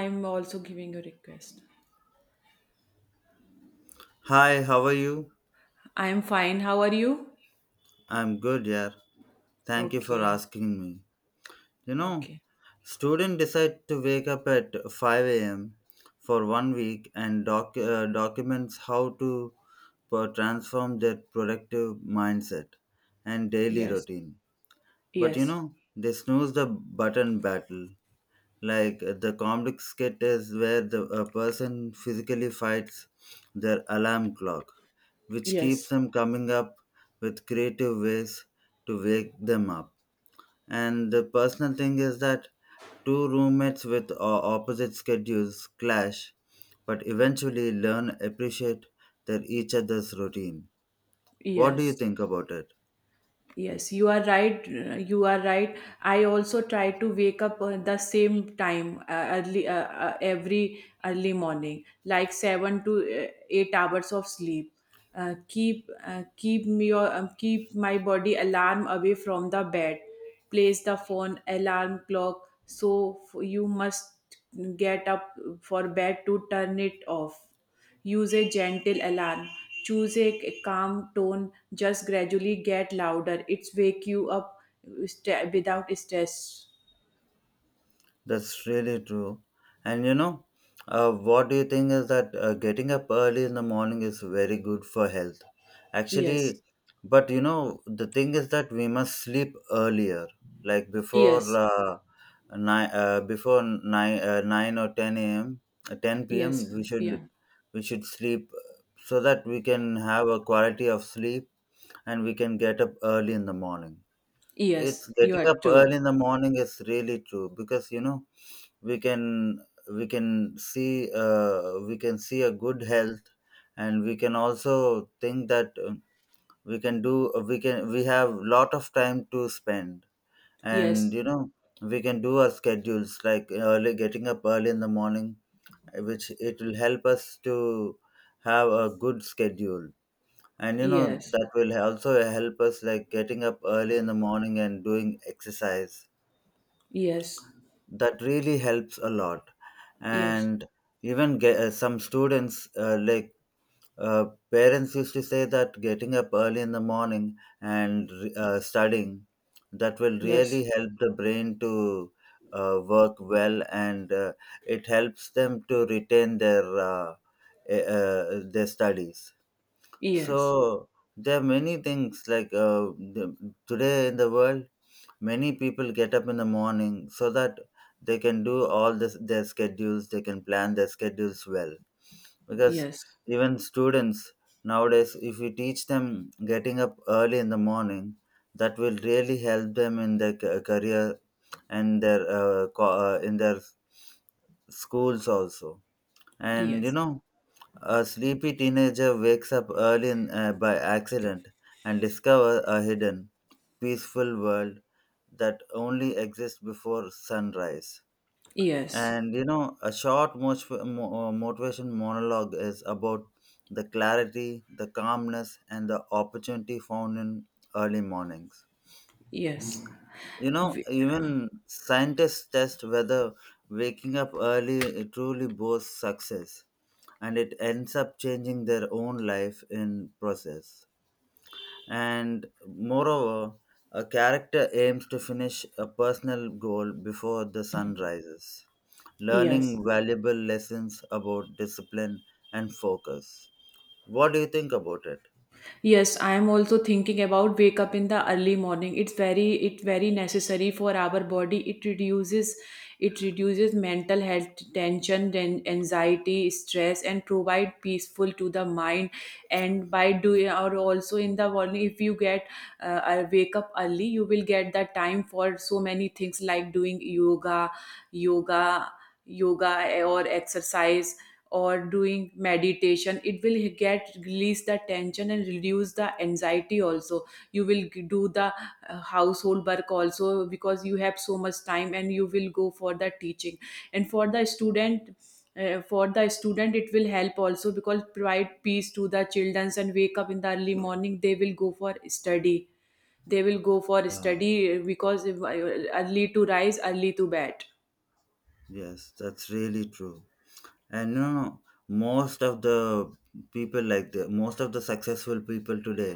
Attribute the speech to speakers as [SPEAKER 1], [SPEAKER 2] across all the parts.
[SPEAKER 1] I'm also giving a request.
[SPEAKER 2] Hi, how are you?
[SPEAKER 1] I'm fine. How are you?
[SPEAKER 2] I'm good, yeah. Thank you for
[SPEAKER 1] Okay.
[SPEAKER 2] asking me. You know,
[SPEAKER 1] Okay.
[SPEAKER 2] student decide to wake up at 5 a.m. for 1 week and documents how to transform their productive mindset and daily
[SPEAKER 1] Yes.
[SPEAKER 2] routine. But you
[SPEAKER 1] Yes.
[SPEAKER 2] know, they snooze the button battle like the comedic skit is where the a person physically fights their alarm clock which keeps
[SPEAKER 1] Yes.
[SPEAKER 2] them coming up with creative ways to wake them up, and the personal thing is that two roommates with opposite schedules clash but eventually learn appreciate their each other's routine. What do you
[SPEAKER 1] Yes.
[SPEAKER 2] think about it?
[SPEAKER 1] Yes, you are right. You are right. I also try to wake up the same time early every early morning, like seven to 8 hours of sleep. Keep me your Keep my body alarm away from the bed. Place the phone alarm clock you must get up for bed to turn it off. Use a gentle alarm. Choose a calm tone. Just gradually get louder. It's wake you up without stress.
[SPEAKER 2] That's really true. And you know, what do you think is that getting up early in the morning is very good for health? Actually,
[SPEAKER 1] Yes.
[SPEAKER 2] but you know, the thing is that we must sleep earlier, like before
[SPEAKER 1] Yes.
[SPEAKER 2] nine, before nine, nine or ten a.m., ten p.m.
[SPEAKER 1] Yes.
[SPEAKER 2] We should
[SPEAKER 1] Yeah.
[SPEAKER 2] we should sleep so that we can have a quality of sleep and we can get up early in the morning. It's
[SPEAKER 1] Yes. You
[SPEAKER 2] getting
[SPEAKER 1] are
[SPEAKER 2] up early in
[SPEAKER 1] true.
[SPEAKER 2] the morning is really true because you know we can we can see we can see a good health, and we can also think that we can do we can we have lot of time to spend, and
[SPEAKER 1] Yes.
[SPEAKER 2] you know we can do our schedules like early getting up early in the morning, which it will help us to have a good schedule. And you know
[SPEAKER 1] Yes.
[SPEAKER 2] that will also help us like getting up early in the morning and doing exercise
[SPEAKER 1] Yes.
[SPEAKER 2] that really helps a lot.
[SPEAKER 1] Yes.
[SPEAKER 2] And even get, some students like uh, parents used to say that getting up early in the morning and studying, that will really
[SPEAKER 1] Yes.
[SPEAKER 2] help the brain to work well, and it helps them to retain their their studies. So
[SPEAKER 1] Yes.
[SPEAKER 2] there are many things like today in the world many people get up in the morning so that they can do all this their schedules, they can plan their schedules well, because
[SPEAKER 1] Yes.
[SPEAKER 2] even students nowadays, if you teach them getting up early in the morning, that will really help them in their career and their in their schools also. And you
[SPEAKER 1] Yes.
[SPEAKER 2] know, a sleepy teenager wakes up early in, by accident and discovers a hidden, peaceful world that only exists before sunrise.
[SPEAKER 1] Yes.
[SPEAKER 2] And you know, a short motivation monologue is about the clarity, the calmness, and the opportunity found in early mornings.
[SPEAKER 1] Yes.
[SPEAKER 2] You know,
[SPEAKER 1] V-
[SPEAKER 2] even scientists test whether waking up early truly boasts success, and it ends up changing their own life in process. And moreover, a character aims to finish a personal goal before the sun rises, learning
[SPEAKER 1] Yes.
[SPEAKER 2] valuable lessons about discipline and focus. What do you think about it?
[SPEAKER 1] Yes, I am also thinking about wake up in the early morning. It's very it very necessary for our body. It reduces mental health tension and anxiety, stress, and provide peaceful to the mind. And by doing or also in the morning, if you get wake up early, you will get the time for so many things like doing yoga, yoga, yoga or exercise or doing meditation. It will get release the tension and reduce the anxiety also. Do the household work also because you have so much time and you will go for the teaching and for the student, for the student it will help also because provide peace to the children, and wake up in the early morning they will go for study they will go for
[SPEAKER 2] Yeah,
[SPEAKER 1] study because early to rise, early to bed.
[SPEAKER 2] yes, that's really true. And no, no, most of the people like the most of the successful people today,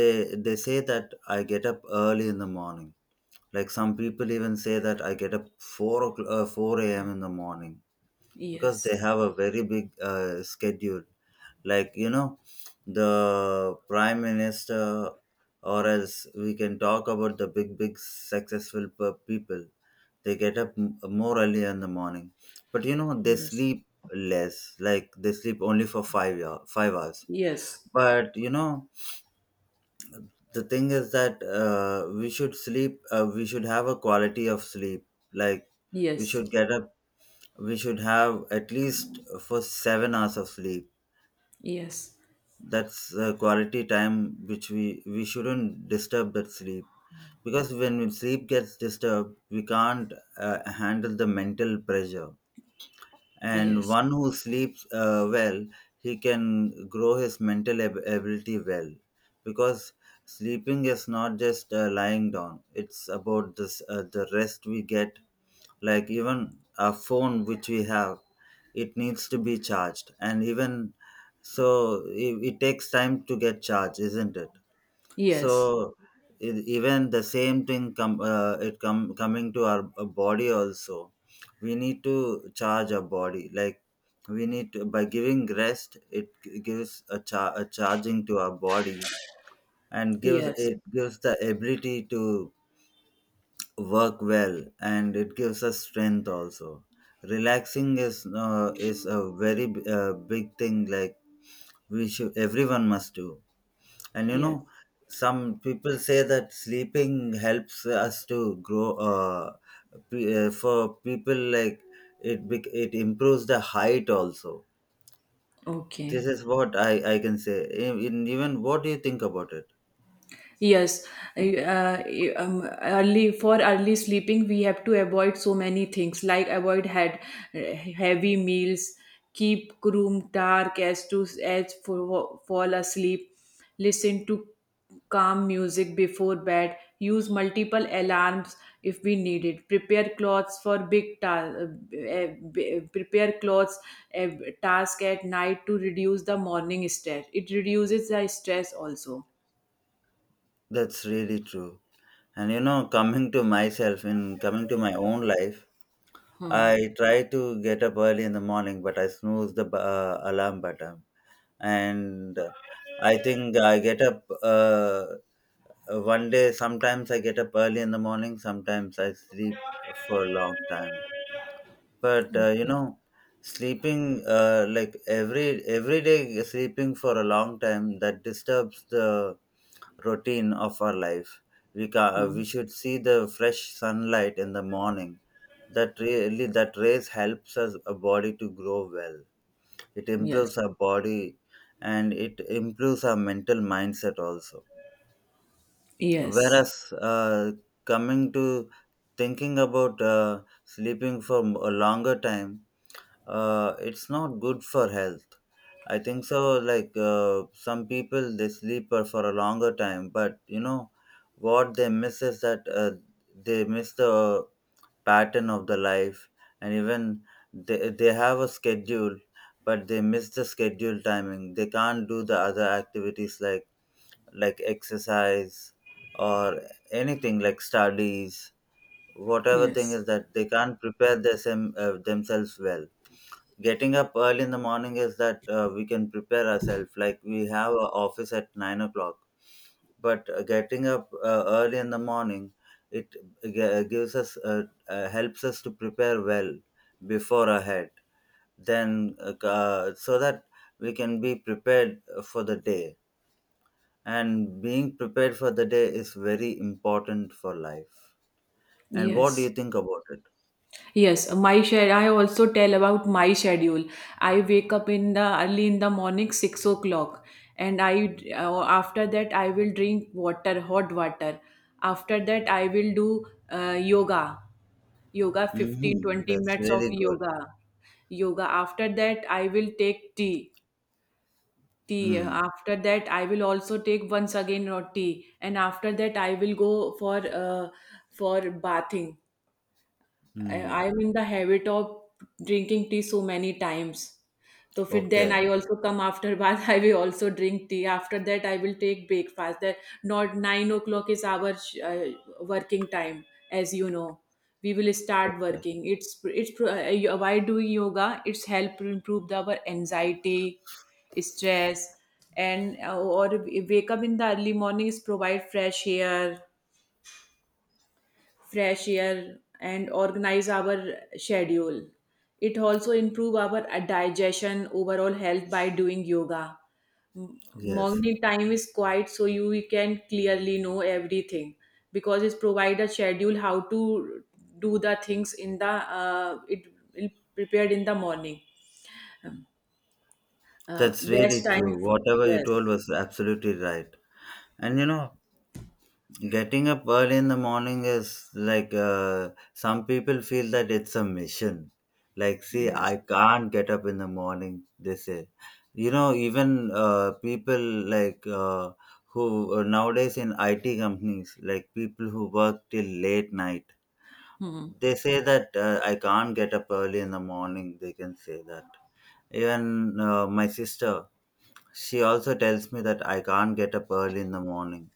[SPEAKER 2] they they say that I get up early in the morning. Like some people even say that I get up 4 o'clock, 4 a.m in the morning, because they
[SPEAKER 1] Yes.
[SPEAKER 2] have a very big schedule. Like you know, the prime minister, or else we can talk about the big big successful people, they get up more early in the morning. But you know they
[SPEAKER 1] Yes.
[SPEAKER 2] sleep less, like they sleep only for 5 hour, 5 hours.
[SPEAKER 1] Yes.
[SPEAKER 2] But you know, the thing is that we should sleep, we should have a quality of sleep. Like we
[SPEAKER 1] Yes,
[SPEAKER 2] should get up, we should have at least for 7 hours of sleep.
[SPEAKER 1] yes,
[SPEAKER 2] That's the quality time which we shouldn't disturb that sleep, because when sleep gets disturbed we can't handle the mental pressure. And
[SPEAKER 1] yes,
[SPEAKER 2] one who sleeps well, he can grow his mental ability well, because sleeping is not just lying down, it's about this the rest we get. Like even a phone which we have, it needs to be charged, and even so it takes time to get charged, isn't it? So
[SPEAKER 1] yes,
[SPEAKER 2] even the same thing come it come coming to our body also, we need to charge our body. Like we need to, by giving rest it gives a charging to our body, and gives
[SPEAKER 1] yes,
[SPEAKER 2] it gives the ability to work well, and it gives us strength also. Relaxing is a very big thing, like we should everyone must do. And you
[SPEAKER 1] yes.
[SPEAKER 2] know, some people say that sleeping helps us to grow. For people like it, it improves the height also. This
[SPEAKER 1] Okay.
[SPEAKER 2] is what I can say. Even what do you think about it?
[SPEAKER 1] Yes, uh, early for early sleeping, we have to avoid so many things like avoid heavy meals, keep room dark as to as for fall asleep, listen to calm music before bed, use multiple alarms if we need it, prepare clothes for big task, prepare clothes uh, task at night to reduce the morning stress. It reduces the stress also.
[SPEAKER 2] That's really true. And you know, coming to myself in coming to my own life,
[SPEAKER 1] Hmm.
[SPEAKER 2] I try to get up early in the morning, but I snooze the alarm button. And I think I get up one day. Sometimes I get up early in the morning, sometimes I sleep for a long time. But you
[SPEAKER 1] Okay.
[SPEAKER 2] know, sleeping like every day sleeping for a long time, that disturbs the routine of our life. We
[SPEAKER 1] Mm.
[SPEAKER 2] should see the fresh sunlight in the morning. That really, that rays helps us a body to grow well, it
[SPEAKER 1] Yes.
[SPEAKER 2] improves our body, and it improves our mental mindset also.
[SPEAKER 1] Yes.
[SPEAKER 2] Whereas coming to thinking about sleeping for a longer time, it's not good for health, I think so. Like some people they sleep for a longer time, but you know what they miss is that they miss the pattern of the life. And even they have a schedule, but they miss the schedule timing, they can't do the other activities like exercise or anything like studies. Whatever thing is
[SPEAKER 1] Yes.
[SPEAKER 2] that they can't prepare their themselves well. Getting up early in the morning is that we can prepare ourselves, like we have an office at 9 o'clock. But getting up early in the morning, it g- gives us helps us to prepare well before ahead, then so that we can be prepared for the day. And being prepared for the day is very important for life. And what do you
[SPEAKER 1] Yes.
[SPEAKER 2] think about it?
[SPEAKER 1] Yes. My schedule. I also tell about my schedule. I wake up in the early in the morning, 6 o'clock, and I after that I will drink water, hot water. After that I will do yoga, yoga 15
[SPEAKER 2] Hmm,
[SPEAKER 1] 20
[SPEAKER 2] that's
[SPEAKER 1] minutes of
[SPEAKER 2] really good.
[SPEAKER 1] yoga. After that I will take tea.
[SPEAKER 2] Mm.
[SPEAKER 1] After that, I will also take once again roti, and after that, I will go for uh, for bathing.
[SPEAKER 2] Mm.
[SPEAKER 1] I'm in the habit of drinking tea so many times. So fit then I
[SPEAKER 2] Okay.
[SPEAKER 1] also come after bath. I will also drink tea. After that, I will take breakfast. That not 9 o'clock is our working time, as you know. We will start
[SPEAKER 2] Okay.
[SPEAKER 1] working. Why doing yoga? It's help improve our anxiety, stress, and or wake up in the early morning is provide fresh air and organize our schedule. It also improve our digestion, overall health by doing yoga.
[SPEAKER 2] Yes,
[SPEAKER 1] Morning time is quiet so you we can clearly know everything because it's provide a schedule how to do the things in the it will prepared in the morning,
[SPEAKER 2] that's really
[SPEAKER 1] best time
[SPEAKER 2] true, whatever you told
[SPEAKER 1] yes.
[SPEAKER 2] was absolutely right. And you know, getting up early in the morning is like some people feel that it's a mission. Like, see,
[SPEAKER 1] Yes.
[SPEAKER 2] I can't get up in the morning, they say. You know, even people like who nowadays in IT companies, like people who work till late night,
[SPEAKER 1] Hmm.
[SPEAKER 2] they say that I can't get up early in the morning. They can say that. Even my sister, she also tells me that I can't get up early in the morning.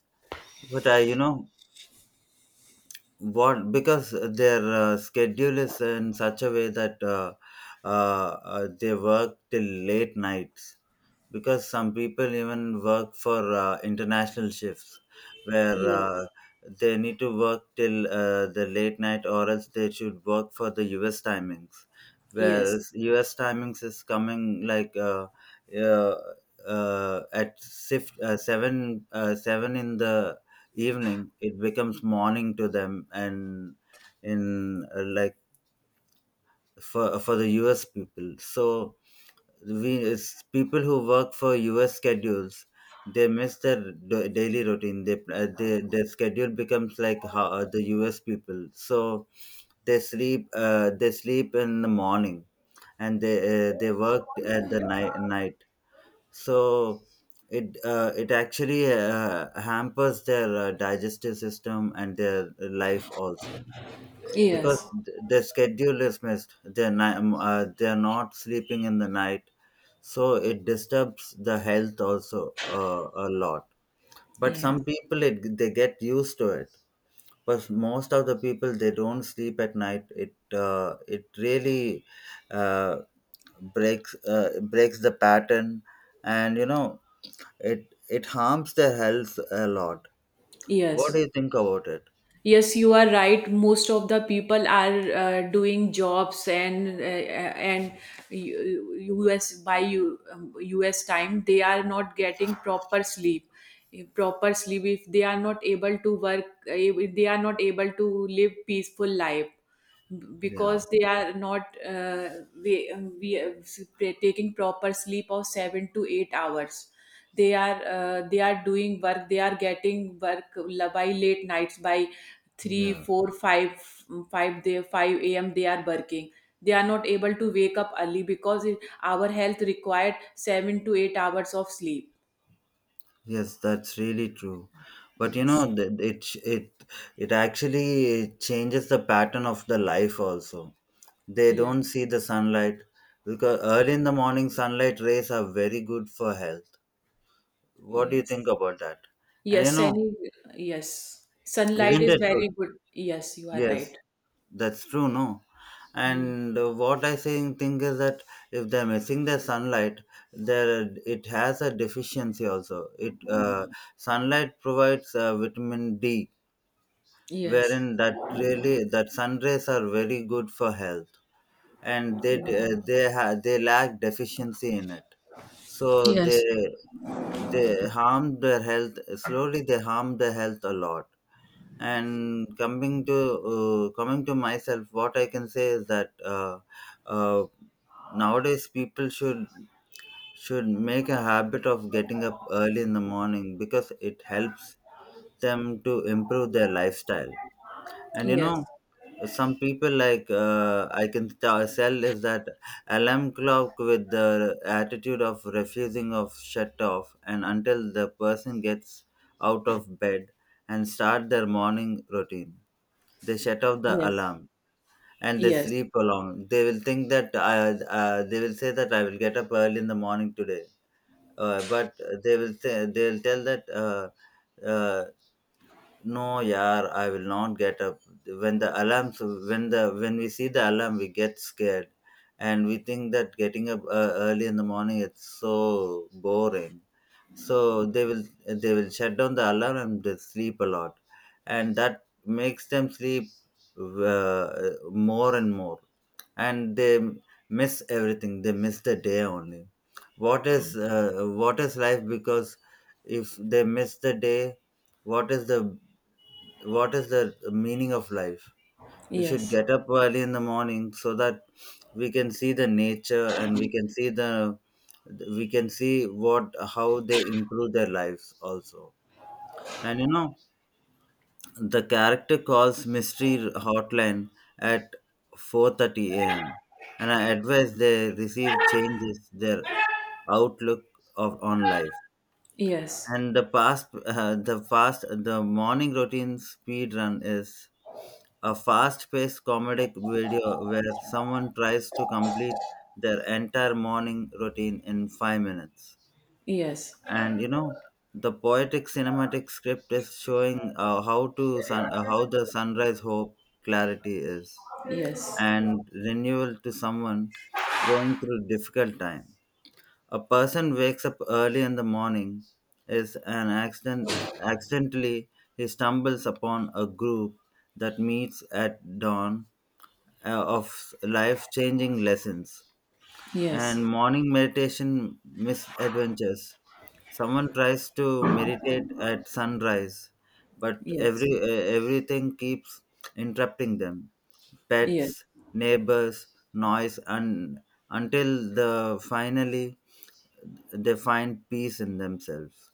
[SPEAKER 2] But I, you know, what because their schedule is in such a way that they work till late nights, because some people even work for international shifts, where
[SPEAKER 1] Yes.
[SPEAKER 2] they need to work till the late night, or else they should work for the us timings.
[SPEAKER 1] Yes.
[SPEAKER 2] Whereas us timings is coming like uh, at 7 7 in the evening it becomes morning to them, and in like for the us people. So we it's people who work for us schedules, they miss their daily routine. They their schedule becomes like how the us people. So they sleep in the morning, and they work at the night. So it it actually hampers their digestive system and their life also, because
[SPEAKER 1] Yes.
[SPEAKER 2] their schedule is missed. They're not sleeping in the night, so it disturbs the health also a lot. But
[SPEAKER 1] Yes.
[SPEAKER 2] some people they get used to it. But most of the people they don't sleep at night, it it really uh, breaks the pattern. And you know, it harms their health a lot. What do
[SPEAKER 1] Yes.
[SPEAKER 2] you think about it?
[SPEAKER 1] Yes, you are right. Most of the people are doing jobs and U- U.S. by U.S. time they are not getting proper sleep. If proper sleep, if they are not able to work, if they are not able to live peaceful life
[SPEAKER 2] Yeah,
[SPEAKER 1] because they are not we, we are taking proper sleep of 7 to 8 hours. They are doing work, they are getting work by late nights by three,
[SPEAKER 2] yeah,
[SPEAKER 1] 4, 5 they 5 a.m. they are working. They are not able to wake up early because it, our health required 7 to 8 hours of sleep.
[SPEAKER 2] yes, that's really true. But you
[SPEAKER 1] Yes.
[SPEAKER 2] know, th- it ch- it actually changes the pattern of the life also. They
[SPEAKER 1] Yes.
[SPEAKER 2] don't see the sunlight, because early in the morning sunlight rays are very good for health. What do you think
[SPEAKER 1] Yes.
[SPEAKER 2] about that? And you
[SPEAKER 1] Yes
[SPEAKER 2] know,
[SPEAKER 1] Sunny. Yes, sunlight
[SPEAKER 2] isn't
[SPEAKER 1] is
[SPEAKER 2] it good?
[SPEAKER 1] very good. Yes, you are
[SPEAKER 2] Yes,
[SPEAKER 1] right.
[SPEAKER 2] that's true, no.
[SPEAKER 1] Hmm.
[SPEAKER 2] And what I saying think is that if they're missing the sunlight, there it has a deficiency also. It Sunlight provides vitamin D,
[SPEAKER 1] Yes.
[SPEAKER 2] wherein that really that sun rays are very good for health, and they they lack deficiency in it. So they
[SPEAKER 1] Yes.
[SPEAKER 2] they harm their health slowly. They harm their health a lot. And coming to coming to myself what I can say is that uh, nowadays people should make a habit of getting up early in the morning, because it helps them to improve their lifestyle. And you
[SPEAKER 1] Yes.
[SPEAKER 2] know, some people like I can sell is that alarm clock with the attitude of refusing of shut off and until the person gets out of bed and start their morning routine, they shut off the
[SPEAKER 1] Yes.
[SPEAKER 2] alarm and they
[SPEAKER 1] Yes.
[SPEAKER 2] sleep along. They will think that they will say that I will get up early in the morning today. But they will say, they will tell that no, yeah, I will not get up. When the alarms, when the when we see the alarm, we get scared, and we think that getting up early in the morning it's so boring. So they will shut down the alarm and they sleep a lot, and that makes them sleep more and more, and they miss everything. They miss the day only. What is life? Because if they miss the day, what is the what is the meaning of life? We should
[SPEAKER 1] Yes.
[SPEAKER 2] get up early in the morning so that we can see the nature, and we can see the we can see what how they improve their lives also. And you know, the character calls mystery hotline at 4:30 a.m. and I advise they receive changes their outlook of on life.
[SPEAKER 1] Yes. Yes.
[SPEAKER 2] And the fast the morning routine speed run is a fast-paced comedic video where someone tries to complete their entire morning routine in 5 minutes.
[SPEAKER 1] Yes.
[SPEAKER 2] And you know, the poetic cinematic script is showing how the sunrise hope clarity is
[SPEAKER 1] Yes.
[SPEAKER 2] and renewal to someone going through difficult time. A person wakes up early in the morning, is an accident accidentally he stumbles upon a group that meets at dawn of life-changing lessons. And morning meditation misadventures. Someone tries to meditate at sunrise, but
[SPEAKER 1] Yes.
[SPEAKER 2] everything keeps interrupting them.
[SPEAKER 1] Yes,
[SPEAKER 2] Pets, neighbors, noise, and until the finally they find peace in themselves.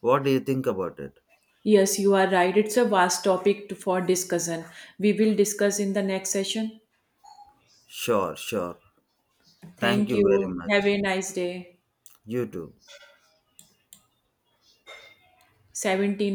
[SPEAKER 2] What do you think about it?
[SPEAKER 1] Yes, you are right. It's a vast topic to, for discussion. We will discuss in the next session.
[SPEAKER 2] Sure, sure. Thank
[SPEAKER 1] Thank
[SPEAKER 2] you very
[SPEAKER 1] you.
[SPEAKER 2] much.
[SPEAKER 1] Have a nice day.
[SPEAKER 2] You too.
[SPEAKER 1] 17